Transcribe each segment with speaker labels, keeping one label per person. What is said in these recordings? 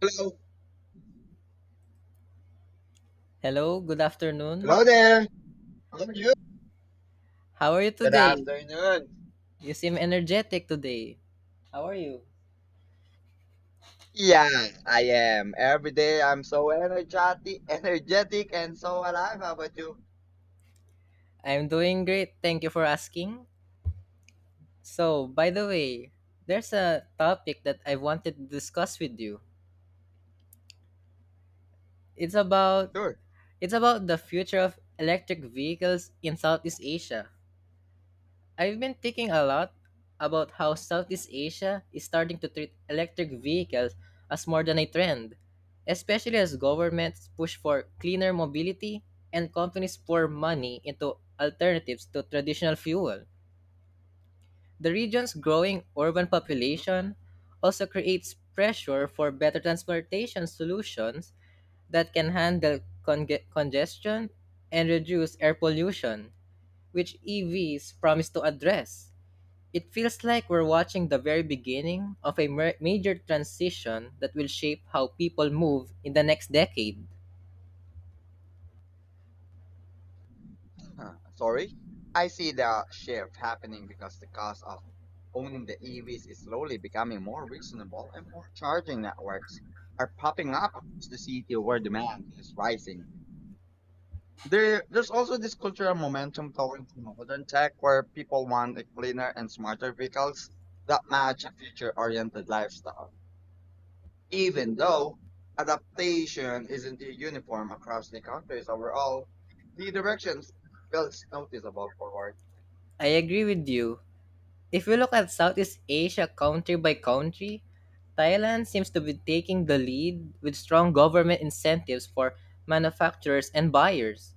Speaker 1: Hello.
Speaker 2: Hello, good
Speaker 1: Hello
Speaker 2: afternoon.
Speaker 1: there. How are you?
Speaker 2: How are you
Speaker 1: Good
Speaker 2: today?
Speaker 1: afternoon.
Speaker 2: You seem energetic today. How are you?
Speaker 1: Yeah, I am. Every day I'm so energetic and so alive. How about you?
Speaker 2: I'm doing great. Thank you for asking. So, by the way, there's a topic that I wanted to discuss with you. It's about
Speaker 1: Sure.
Speaker 2: it's about the future of electric vehicles in Southeast Asia. I've been thinking a lot about how Southeast Asia is starting to treat electric vehicles as more than a trend, especially as governments push for cleaner mobility and companies pour money into alternatives to traditional fuel. The region's growing urban
Speaker 1: Mhm.
Speaker 2: population also creates pressure for better transportation solutions that can handle congestion and reduce air pollution, which EVs promise to address. It feels like we're watching the very beginning of a major transition that will shape how people move in the next decade.
Speaker 1: Huh, sorry. I see the shift happening because the cost of owning the EVs is slowly becoming more reasonable and more charging networks are popping up to the city where demand is rising. There's also this cultural momentum toward modern tech where people want a cleaner and smarter vehicles that match a future-oriented lifestyle. Even though adaptation isn't uniform across the countries overall, the direction feels noticeable forward.
Speaker 2: I agree with you. If we look at Southeast Asia country by country, Thailand seems to be taking the lead with strong government incentives for manufacturers and buyers.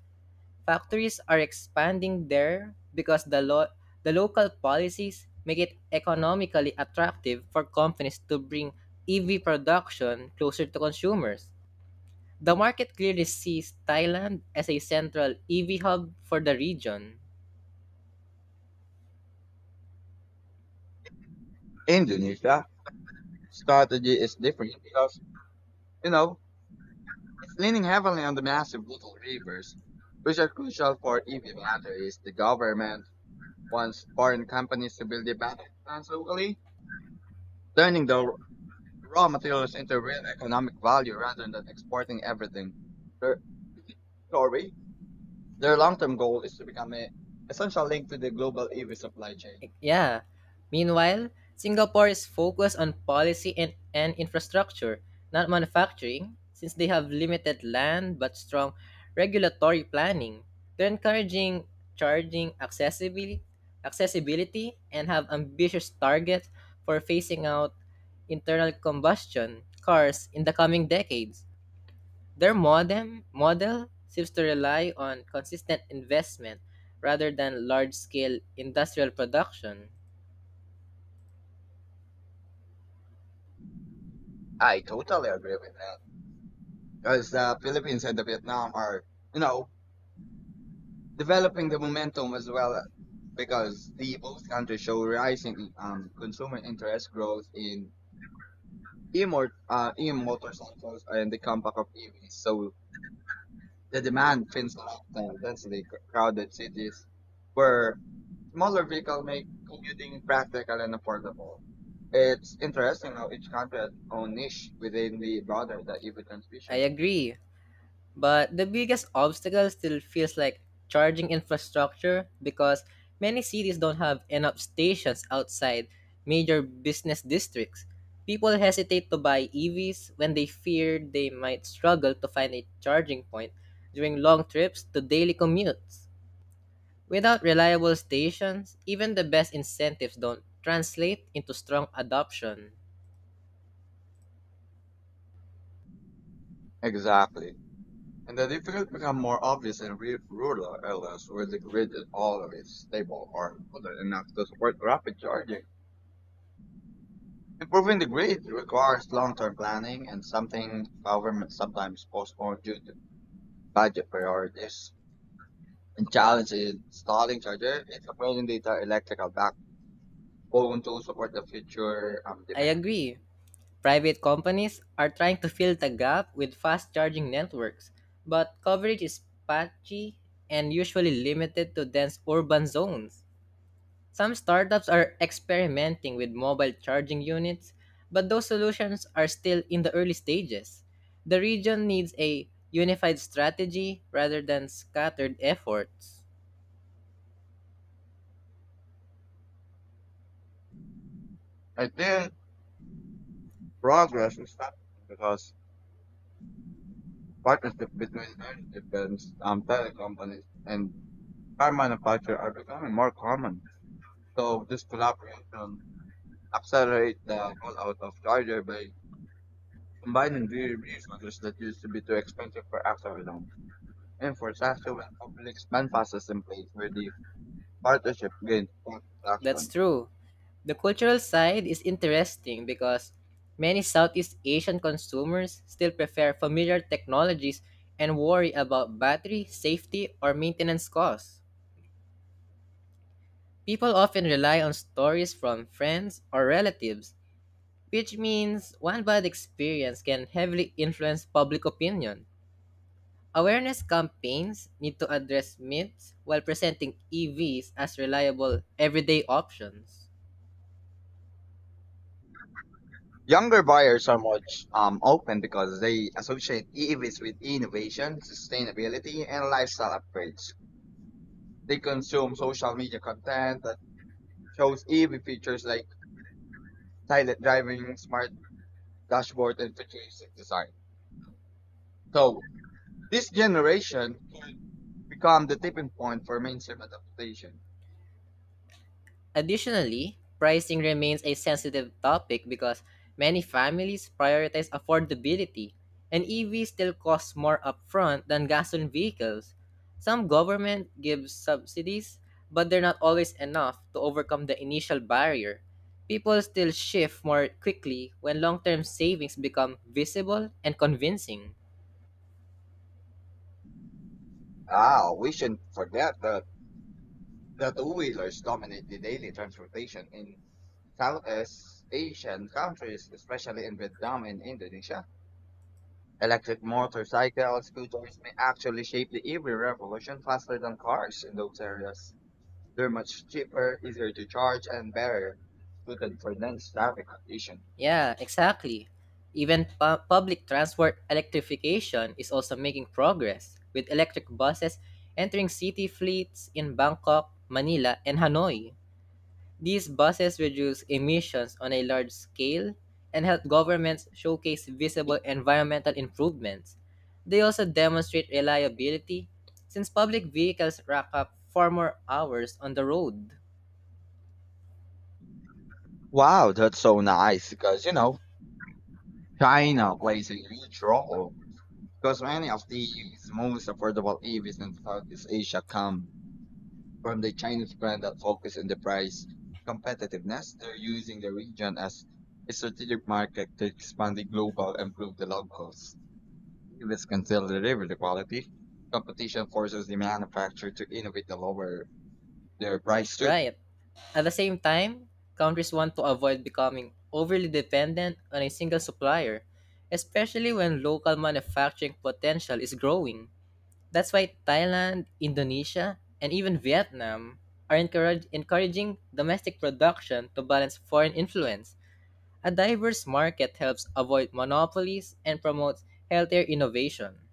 Speaker 2: Factories are expanding there because the local policies make it economically attractive for companies to bring EV production closer to consumers. The market clearly sees Thailand as a central EV hub for the region.
Speaker 1: Indonesia strategy is different because, you know, it's leaning heavily on the massive little rivers, which are crucial for EV batteries. The government wants foreign companies to build the battery plants locally turning the raw materials into real economic value rather than exporting everything. Their, sorry, their long-term goal is to become an essential link to the global EV supply chain.
Speaker 2: Yeah. Meanwhile, Singapore is focused on policy and infrastructure, not manufacturing, since they have limited land but strong regulatory planning. They're encouraging charging accessibility, accessibility and have ambitious targets for phasing out internal combustion cars in the coming decades. Their modem model seems to rely on consistent investment rather than large-scale industrial production.
Speaker 1: I totally agree with that because the Philippines and the Vietnam are, you know, developing the momentum as well because the both countries show rising consumer interest growth in e-motorcycles and the compact of EVs. So the demand fins off densely crowded cities where smaller vehicles make commuting practical and affordable. It's interesting how each country has its own niche within the broader the EV
Speaker 2: I
Speaker 1: transmission.
Speaker 2: agree, but the biggest obstacle still feels like charging infrastructure because many cities don't have enough stations outside major business districts. People hesitate to buy EVs when they fear they might struggle to find a charging point during long trips to daily commutes. Without reliable stations, even the best incentives don't translate into strong adoption.
Speaker 1: Exactly. And the difficulties become more obvious in rural areas where the grid is always stable or good enough to support rapid charging. Improving the grid requires long-term planning and something government sometimes postpone due to budget priorities. The challenge is starting charger is upgrading data electrical backbone to support the future
Speaker 2: I
Speaker 1: demand.
Speaker 2: agree. Private companies are trying to fill the gap with fast charging networks, but coverage is patchy and usually limited to dense urban zones. Some startups are experimenting with mobile charging units, but those solutions are still in the early stages. The region needs a unified strategy rather than scattered efforts.
Speaker 1: I think progress is happening because partnership between energy defense, tele companies, and car manufacturers are becoming more common. So this collaboration accelerates the rollout of charger by combining the resources that used to be too expensive for Axar alone. And for Saskatchewan, public expand process in place where the partnership gains
Speaker 2: That's
Speaker 1: traction.
Speaker 2: true. The cultural side is interesting because many Southeast Asian consumers still prefer familiar technologies and worry about battery safety or maintenance costs. People often rely on stories from friends or relatives, which means one bad experience can heavily influence public opinion. Awareness campaigns need to address myths while presenting EVs as reliable everyday options.
Speaker 1: Younger buyers are much open because they associate EVs with innovation, sustainability, and lifestyle upgrades. They consume social media content that shows EV features like silent driving, smart dashboard, and futuristic design. So this generation can become the tipping point for mainstream adaptation.
Speaker 2: Additionally, pricing remains a sensitive topic because many families prioritize affordability, and EVs still cost more upfront than gasoline vehicles. Some government gives subsidies, but they're not always enough to overcome the initial barrier. People still shift more quickly when long term savings become visible and convincing.
Speaker 1: Ah, we shouldn't forget that the two-wheelers dominate the daily transportation in Southeast Asian countries, especially in Vietnam and Indonesia. Electric motorcycles, scooters may actually shape the EV revolution faster than cars in those areas. They're much cheaper, easier to charge, and better suited for dense traffic conditions.
Speaker 2: Yeah, exactly. Even public transport electrification is also making progress, with electric buses entering city fleets in Bangkok, Manila, and Hanoi. These buses reduce emissions on a large scale and help governments showcase visible environmental improvements. They also demonstrate reliability since public vehicles rack up far more hours on the road.
Speaker 1: Wow, that's so nice because, you know, China plays a huge role because many of the most affordable EVs in Southeast Asia come from the Chinese brand that focus on the price competitiveness. They're using the region as a strategic market to expand the global and improve the locals. If can still deliver the quality, competition forces the manufacturer to innovate to lower their price too.
Speaker 2: Right. At the same time, countries want to avoid becoming overly dependent on a single supplier, especially when local manufacturing potential is growing. That's why Thailand, Indonesia, and even Vietnam are encouraging domestic production to balance foreign influence. A diverse market helps avoid monopolies and promotes healthier innovation.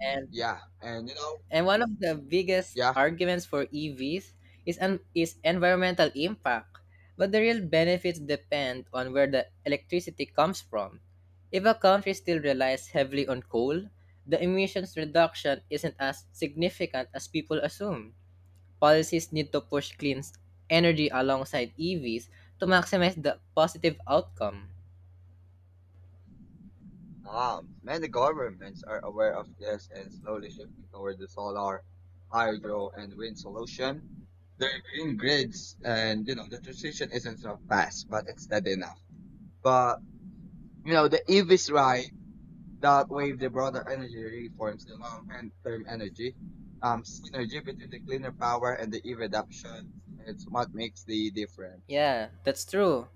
Speaker 2: And
Speaker 1: Yeah, and you know,
Speaker 2: And one of the biggest
Speaker 1: yeah,
Speaker 2: arguments for EVs is environmental impact, but the real benefits depend on where the electricity comes from. If a country still relies heavily on coal, the emissions reduction isn't as significant as people assume. Policies need to push clean energy alongside EVs to maximize the positive outcome.
Speaker 1: many governments are aware of this and slowly shifting toward the solar, hydro, and wind solution. They're green grids, and you know, the transition isn't so fast, but it's steady enough. But you know, the EVs ride that wave the broader energy reforms the long and term energy synergy between the cleaner power and the e-reduction. It's what makes the difference.
Speaker 2: Yeah, that's true.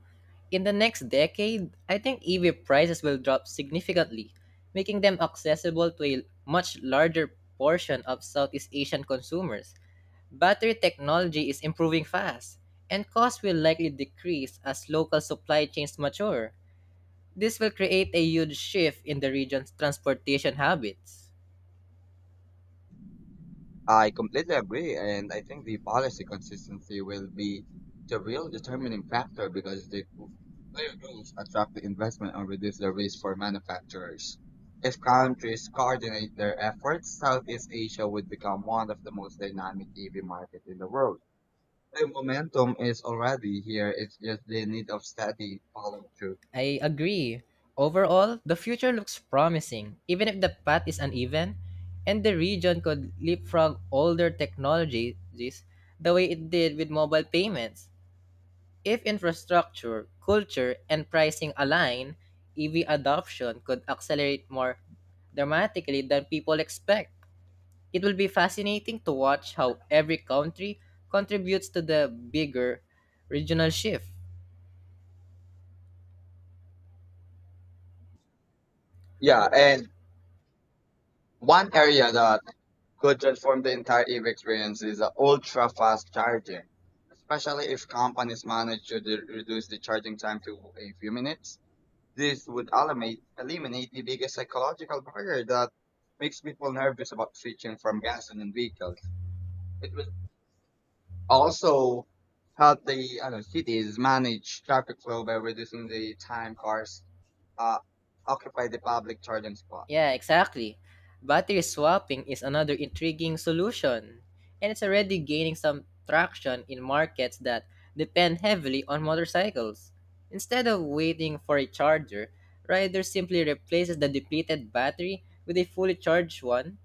Speaker 2: In the next decade, I think EV prices will drop significantly, making them accessible to a much larger portion of Southeast Asian consumers. Battery technology is improving fast, and costs will likely decrease as local supply chains mature. This will create a huge shift in the region's transportation habits.
Speaker 1: I completely agree, and I think the policy consistency will be the real determining factor because the clear rules attract the investment and reduce the risk for manufacturers. If countries coordinate their efforts, Southeast Asia would become one of the most dynamic EV markets in the world. The momentum is already here. It's just the need of steady follow through.
Speaker 2: I agree. Overall, the future looks promising, even if the path is uneven, and the region could leapfrog older technologies the way it did with mobile payments. If infrastructure, culture, and pricing align, EV adoption could accelerate more dramatically than people expect. It will be fascinating to watch how every country contributes to the bigger regional shift.
Speaker 1: Yeah, and one area that could transform the entire EV experience is the ultra fast charging, especially if companies manage to reduce the charging time to a few minutes. This would eliminate the biggest psychological barrier that makes people nervous about switching from gasoline vehicles. It would also help the I don't know, cities manage traffic flow by reducing the time cars uh, occupy the public charging spot.
Speaker 2: Yeah, exactly. Battery swapping is another intriguing solution, and it's already gaining some traction in markets that depend heavily on motorcycles. Instead of waiting for a charger, riders simply replaces the depleted battery with a fully charged one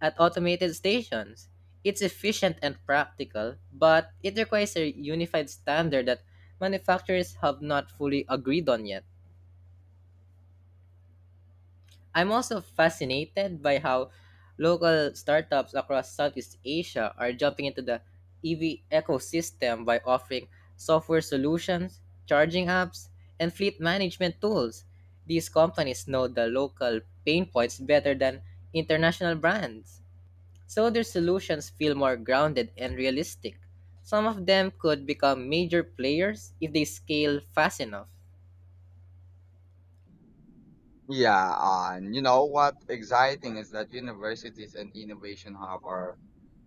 Speaker 2: at automated stations. It's efficient and practical, but it requires a unified standard that manufacturers have not fully agreed on yet. I'm also fascinated by how local startups across Southeast Asia are jumping into the EV ecosystem by offering software solutions, charging apps, and fleet management tools. These companies know the local pain points better than international brands, so their solutions feel more grounded and realistic. Some of them could become major players if they scale fast enough.
Speaker 1: Yeah, and you know what exciting is that universities and innovation hub are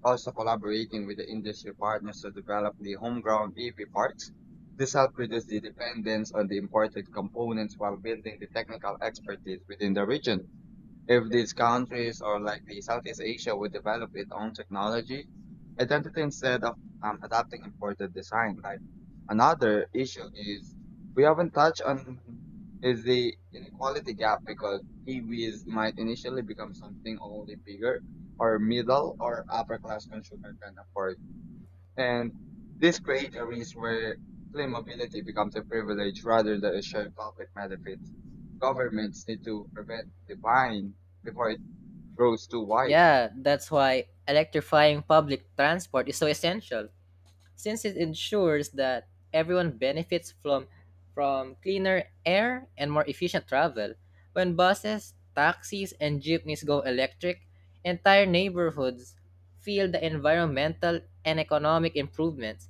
Speaker 1: also collaborating with the industry partners to develop the homegrown EV parts. This helps reduce the dependence on the imported components while building the technical expertise within the region. If these countries or like the Southeast Asia would develop its own technology, identity instead of adapting imported design. Like another issue is we haven't touched on is the inequality gap because EVs might initially become something only bigger or middle or upper class consumer can afford. And these create areas where clean mobility becomes a privilege rather than a shared public benefit. Governments need to prevent the decline before it grows too wide.
Speaker 2: Yeah, that's why electrifying public transport is so essential, since it ensures that everyone benefits from cleaner air and more efficient travel. When buses, taxis, and jeepneys go electric, entire neighborhoods feel the environmental and economic improvements.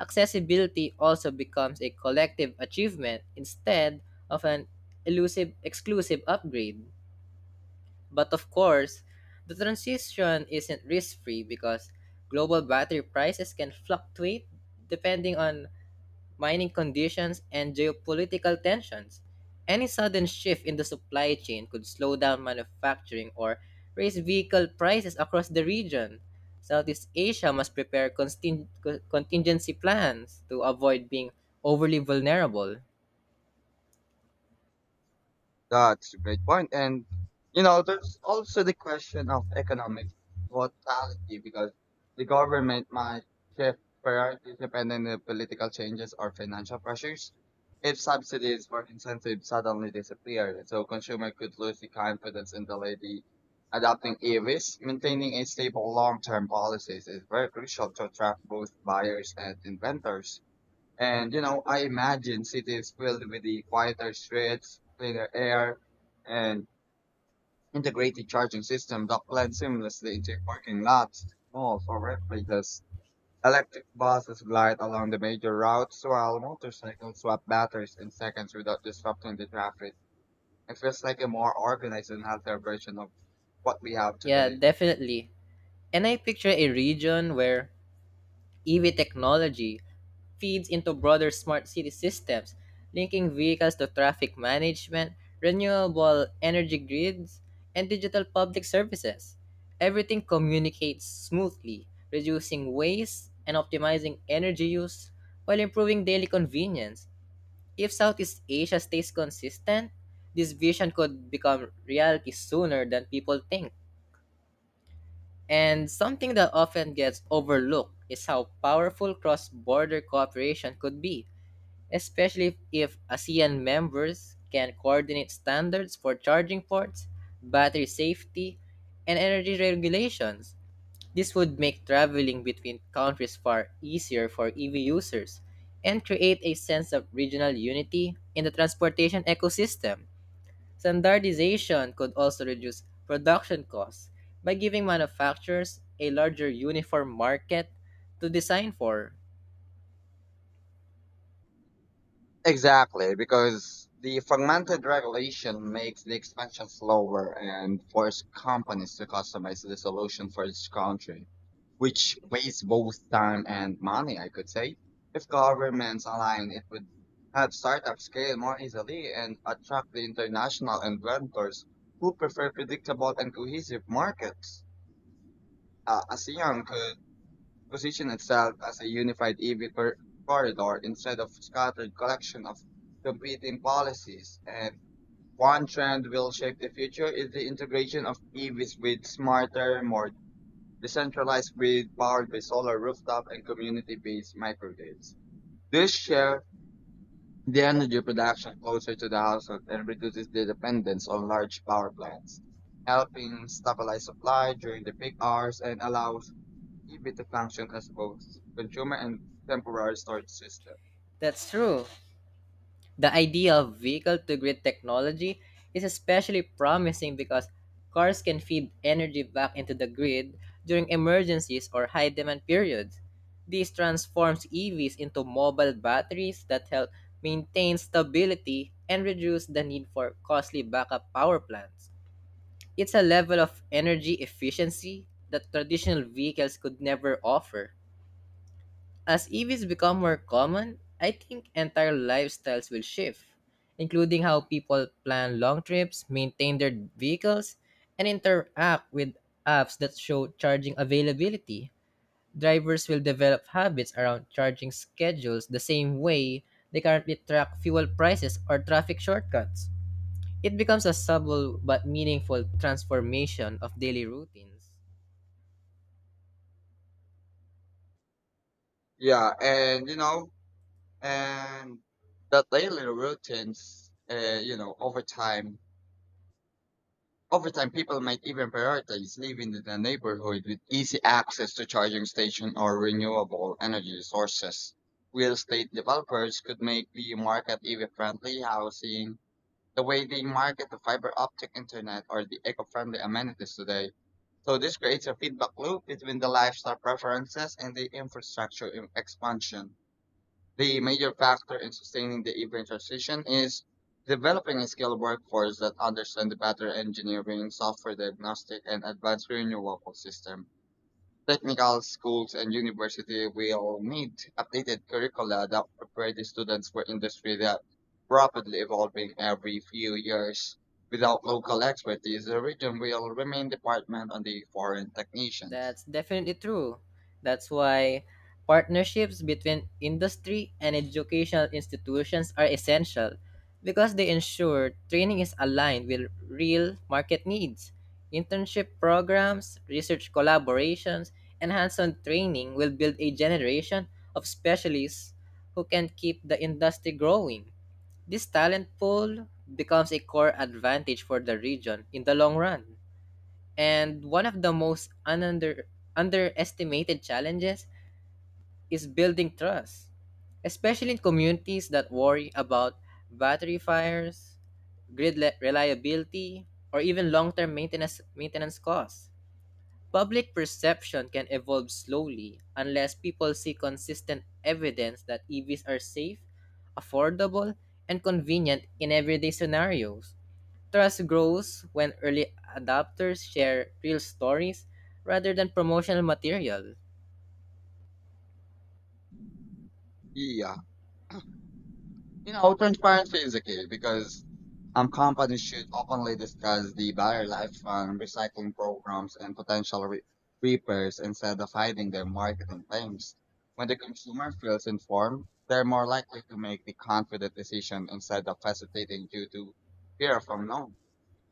Speaker 2: Accessibility also becomes a collective achievement instead of an elusive exclusive upgrade. But of course, the transition isn't risk free because global battery prices can fluctuate depending on mining conditions and geopolitical tensions. Any sudden shift in the supply chain could slow down manufacturing or raise vehicle prices across the region. Southeast Asia must prepare contingency plans to avoid being overly vulnerable.
Speaker 1: That's a great point. And, you know, there's also the question of economic volatility, because the government might shift priorities depending on political changes or financial pressures. If subsidies or incentives suddenly disappear, so consumer could lose the confidence in the lady adopting EVs, maintaining a stable long-term policies is very crucial to attract both buyers and inventors. And you know, I imagine cities filled with the quieter streets, cleaner air, and integrated charging systems that blend seamlessly into parking lots, malls, or workplaces. Electric buses glide along the major routes while motorcycles swap batteries in seconds without disrupting the traffic. It feels like a more organized and healthier version of what we have
Speaker 2: Yeah,
Speaker 1: today.
Speaker 2: definitely. And I picture a region where EV technology feeds into broader smart city systems, linking vehicles to traffic management, renewable energy grids, and digital public services. Everything communicates smoothly, reducing waste and optimizing energy use while improving daily convenience. If Southeast Asia stays consistent, this vision could become reality sooner than people think. And something that often gets overlooked is how powerful cross border cooperation could be, especially if ASEAN members can coordinate standards for charging ports, battery safety, and energy regulations. This would make traveling between countries far easier for EV users and create a sense of regional unity in the transportation ecosystem. Standardization could also reduce production costs by giving manufacturers a larger uniform market to design for.
Speaker 1: Exactly, because the fragmented regulation makes the expansion slower and force companies to customize the solution for each country, which wastes both time and money, I could say. If governments align, it would help startups scale more easily and attract the international inventors who prefer predictable and cohesive markets. ASEAN could position itself as a unified EV corridor instead of scattered collection of competing policies. And one trend will shape the future is the integration of EVs with smarter, more decentralized grid powered by solar rooftop and community-based microgrids. This share the energy production closer to the household and reduces the dependence on large power plants, helping stabilize supply during the peak hours and allows eBiT functioned as both consumer and temporary storage system.
Speaker 2: That's true. The idea of vehicle to grid technology is especially promising because cars can feed energy back into the grid during emergencies or high demand periods. This transforms EVs into mobile batteries that help maintain stability and reduce the need for costly backup power plants. It's a level of energy efficiency that traditional vehicles could never offer. As EVs become more common, I think entire lifestyles will shift, including how people plan long trips, maintain their vehicles, and interact with apps that show charging availability. Drivers will develop habits around charging schedules the same way they currently track fuel prices or traffic shortcuts. It becomes a subtle but meaningful transformation of daily routines.
Speaker 1: Yeah, and you know, and that daily routines, you know, over time, people might even prioritize living in a neighborhood with easy access to charging station or renewable energy sources. Real estate developers could make the market even friendly housing the way they market the fiber optic internet or the eco-friendly amenities today. So this creates a feedback loop between the lifestyle preferences and the expansion. The major factor in sustaining the EV transition is developing a skilled workforce that understands the battery engineering, software diagnostic, and advanced renewable system. Technical schools and university will need updated curricula that prepare the students for industry that rapidly evolving every few years. Without local expertise, the region will remain dependent on the foreign technicians.
Speaker 2: That's definitely true. That's why partnerships between industry and educational institutions are essential because they ensure training is aligned with real market needs. Internship programs, research collaborations, and hands on training will build a generation of specialists who can keep the industry growing. This talent pool becomes a core advantage for the region in the long run. And one of the most underestimated challenges is building trust, especially in communities that worry about battery fires, reliability, or even long-term maintenance costs. Public perception can evolve slowly unless people see consistent evidence that EVs are safe, affordable, and convenient in everyday scenarios. Trust grows when early adopters share real stories rather than promotional material.
Speaker 1: Yeah. You know, transparency is the key because companies should openly discuss the battery lifespan, recycling programs, and potential repairs instead of hiding their marketing claims. When the consumer feels informed, they're more likely to make the confident decision instead of hesitating due to fear of unknown.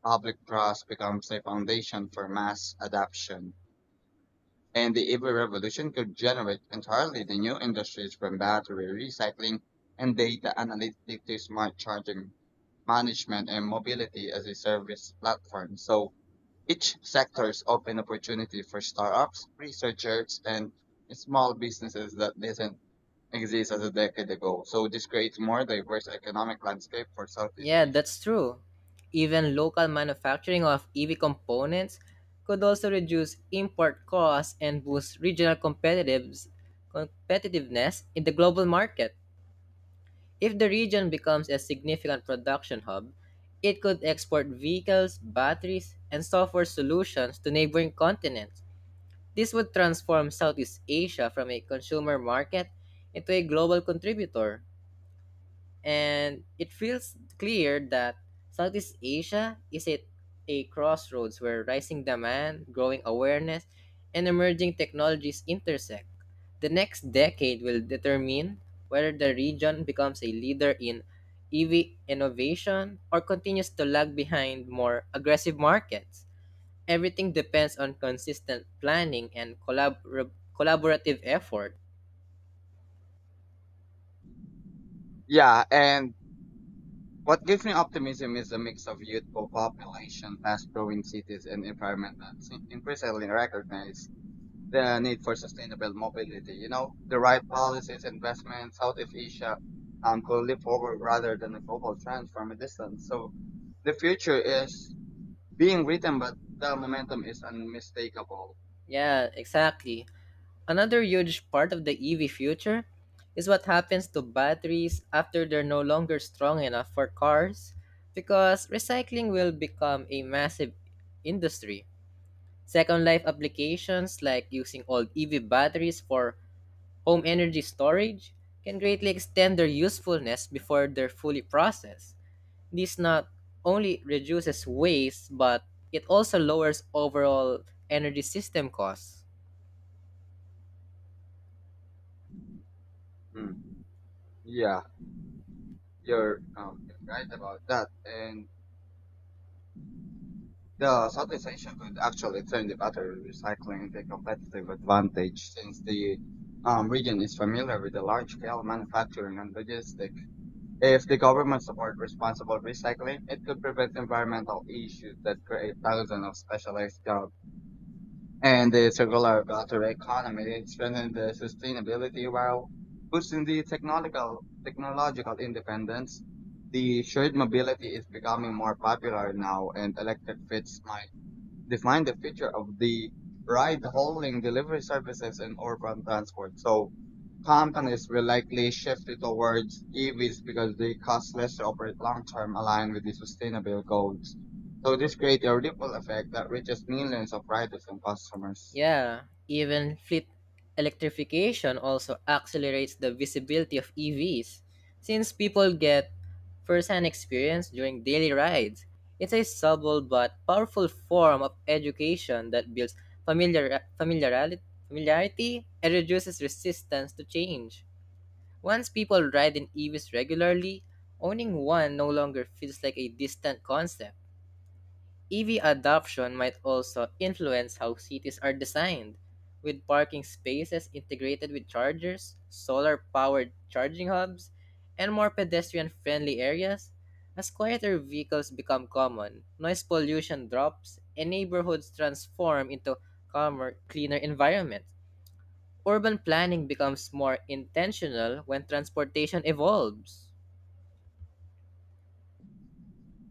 Speaker 1: Public trust becomes a foundation for mass adoption and the EV revolution could generate entirely the new industries from battery recycling and data analytics to smart charging management and mobility as a service platform. So each sector's open opportunity for startups, researchers, and small businesses that didn't exist as a decade ago. So this creates more diverse economic landscape for Southeast
Speaker 2: Yeah,
Speaker 1: Asia.
Speaker 2: that's true. Even local manufacturing of EV components could also reduce import costs and boost regional competitiveness in the global market. If the region becomes a significant production hub, it could export vehicles, batteries, and software solutions to neighboring continents. This would transform Southeast Asia from a consumer market into a global contributor. And it feels clear that Southeast Asia is at a crossroads where rising demand, growing awareness, and emerging technologies intersect. The next decade will determine whether the region becomes a leader in EV innovation or continues to lag behind more aggressive markets. Everything depends on consistent planning and collaborative effort.
Speaker 1: Yeah, and what gives me optimism is a mix of youthful population, fast-growing cities, and environment that increasingly recognize the need for sustainable mobility. You know, the right policies, investments, Southeast Asia could leap forward rather than a global trend from a distance. So the future is being written, but the momentum is unmistakable.
Speaker 2: Yeah, exactly. Another huge part of the EV future is what happens to batteries after they're no longer strong enough for cars because recycling will become a massive industry. Second life applications like using old EV batteries for home energy storage can greatly extend their usefulness before they're fully processed. This not only reduces waste, but it also lowers overall energy system costs.
Speaker 1: Hmm. Yeah, you're right about that. And the Southeast Asia could actually turn the battery recycling into a competitive advantage since the region is familiar with the large-scale manufacturing and logistics. If the government support responsible recycling, it could prevent environmental issues that create thousands of specialized jobs. And the circular battery economy strengthens the sustainability while boosting the technological independence. The shared mobility is becoming more popular now, and electric fits my define the future of the ride hauling delivery services in urban transport. So companies will likely shift it towards EVs because they cost less to operate long term aligned with the sustainable goals. So this creates a ripple effect that reaches millions of riders and customers.
Speaker 2: Yeah, even fleet electrification also accelerates the visibility of EVs since people get first-hand experience during daily rides. It's a subtle but powerful form of education that builds familiarity, and reduces resistance to change. Once people ride in EVs regularly, owning one no longer feels like a distant concept. EV adoption might also influence how cities are designed, with parking spaces integrated with chargers, solar powered charging hubs, and more pedestrian friendly areas. As quieter vehicles become common, noise pollution drops and neighborhoods transform into calmer, cleaner environments. Urban planning becomes more intentional when transportation evolves.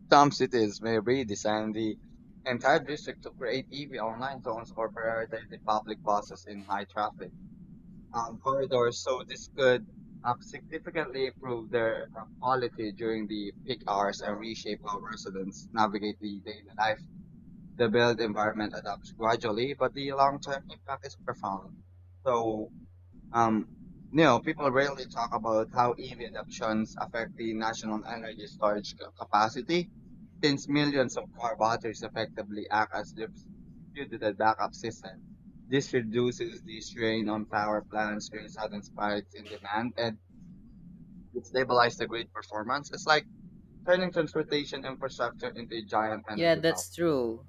Speaker 1: Some cities may redesign the entire district to create EV online zones or prioritize the public buses in high traffic corridors, so this could significantly improve their quality during the peak hours and reshape how residents navigate the daily life. The built environment adapts gradually, but the long-term impact is profound. So, um, you know, people rarely talk about how EV adoptions affect the national energy storage capacity since millions of car batteries effectively act as distributed backup system, this reduces the strain on power plants during sudden spikes in demand and it stabilizes the grid performance. It's like turning transportation infrastructure into a giant
Speaker 2: Yeah,
Speaker 1: energy belt.
Speaker 2: that's true.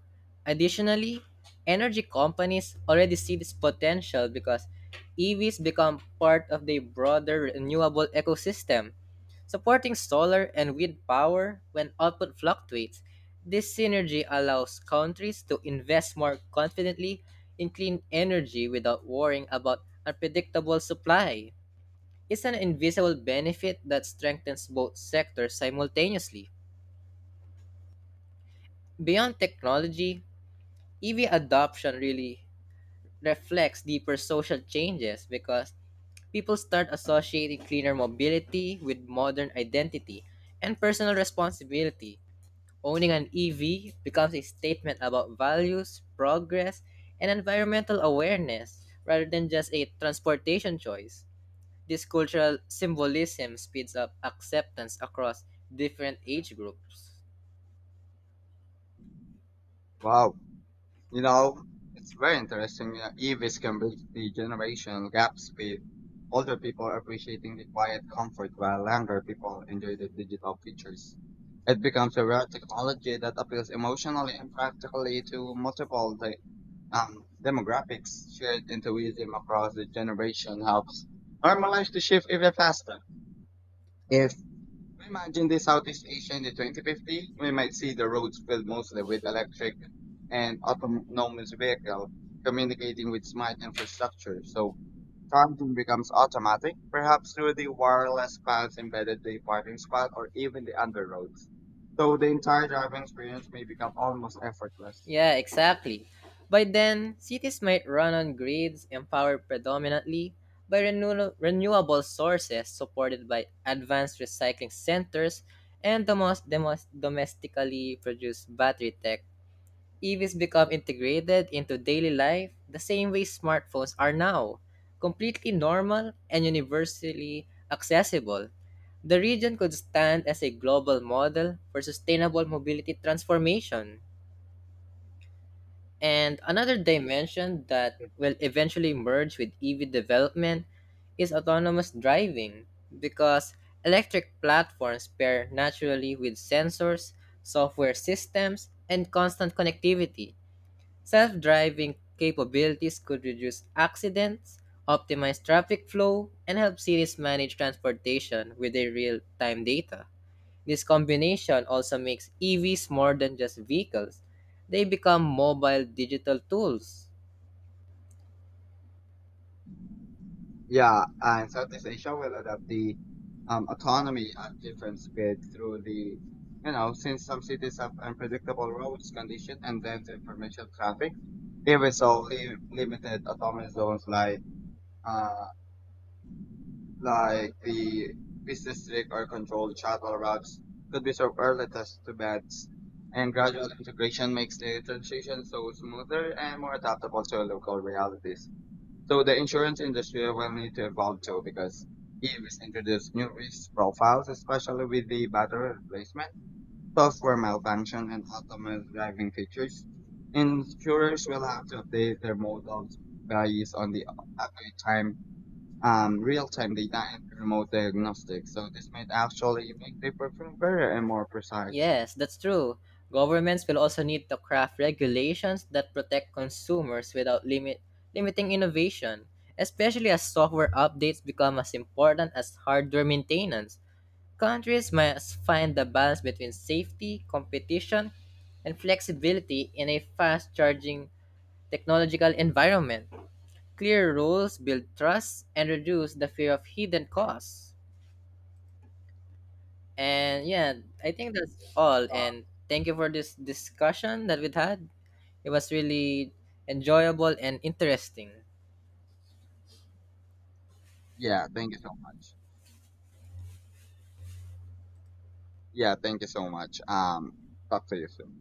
Speaker 2: Additionally, energy companies already see this potential because EVs become part of the broader renewable ecosystem. Supporting solar and wind power when output fluctuates, this synergy allows countries to invest more confidently in clean energy without worrying about unpredictable supply. Is an invisible benefit that strengthens both sectors simultaneously. Beyond technology, EV adoption really reflects deeper social changes because people start associating cleaner mobility with modern identity and personal responsibility. Owning an EV becomes a statement about values, progress, and environmental awareness rather than just a transportation choice. This cultural symbolism speeds up acceptance across different age groups.
Speaker 1: Wow. You know, it's very interesting. You know, EVs can bridge the generational gaps with older people appreciating the quiet comfort while younger people enjoy the digital features. It becomes a rare technology that appeals emotionally and practically to multiple demographics. Shared enthusiasm across the generation helps normalize the shift even faster. If imagine the Southeast Asia in the 2050. We might see the roads filled mostly with electric and autonomous vehicles communicating with smart infrastructure. So charging becomes automatic, perhaps through the wireless paths embedded the parking spot or even the underroads. So the entire driving experience may become almost effortless.
Speaker 2: Yeah, exactly. By then, cities might run on grids empowered predominantly by renewable sources supported by advanced recycling centers and the most domestically produced battery tech. EVs become integrated into daily life the same way smartphones are now, completely normal and universally accessible. The region could stand as a global model for sustainable mobility transformation. And another dimension that will eventually merge with EV development is autonomous driving because electric platforms pair naturally with sensors, software systems, and constant connectivity. Self-driving capabilities could reduce accidents, optimize traffic flow, and help cities manage transportation with their real-time data. This combination also makes EVs more than just vehicles. They become mobile digital tools.
Speaker 1: Yeah, and Southeast Asia will adopt the autonomy at different speed through the, you know, since some cities have unpredictable roads condition and dense information traffic, even so, limited autonomous zones like uh, like the business district or controlled shuttle routes could be superlative to beds. And gradual integration makes the transition so smoother and more adaptable to local realities. So the insurance industry will need to evolve too because EVs introduce new risk profiles, especially with the battery replacement, software malfunction, and autonomous driving features. Insurers will have to update their models based on the accurate time, real-time data and remote diagnostics. So this might actually make the perform better and more precise.
Speaker 2: Yes, that's true. Governments will also need to craft regulations that protect consumers without limiting innovation, especially as software updates become as important as hardware maintenance. Countries must find the balance between safety, competition, and flexibility in a fast charging technological environment. Clear rules build trust and reduce the fear of hidden costs. And yeah, I think that's all.
Speaker 1: Uh,
Speaker 2: And thank you for this discussion that we had. It was really enjoyable and interesting.
Speaker 1: yeah, thank you so much. Yeah, thank you so much. Talk to you soon.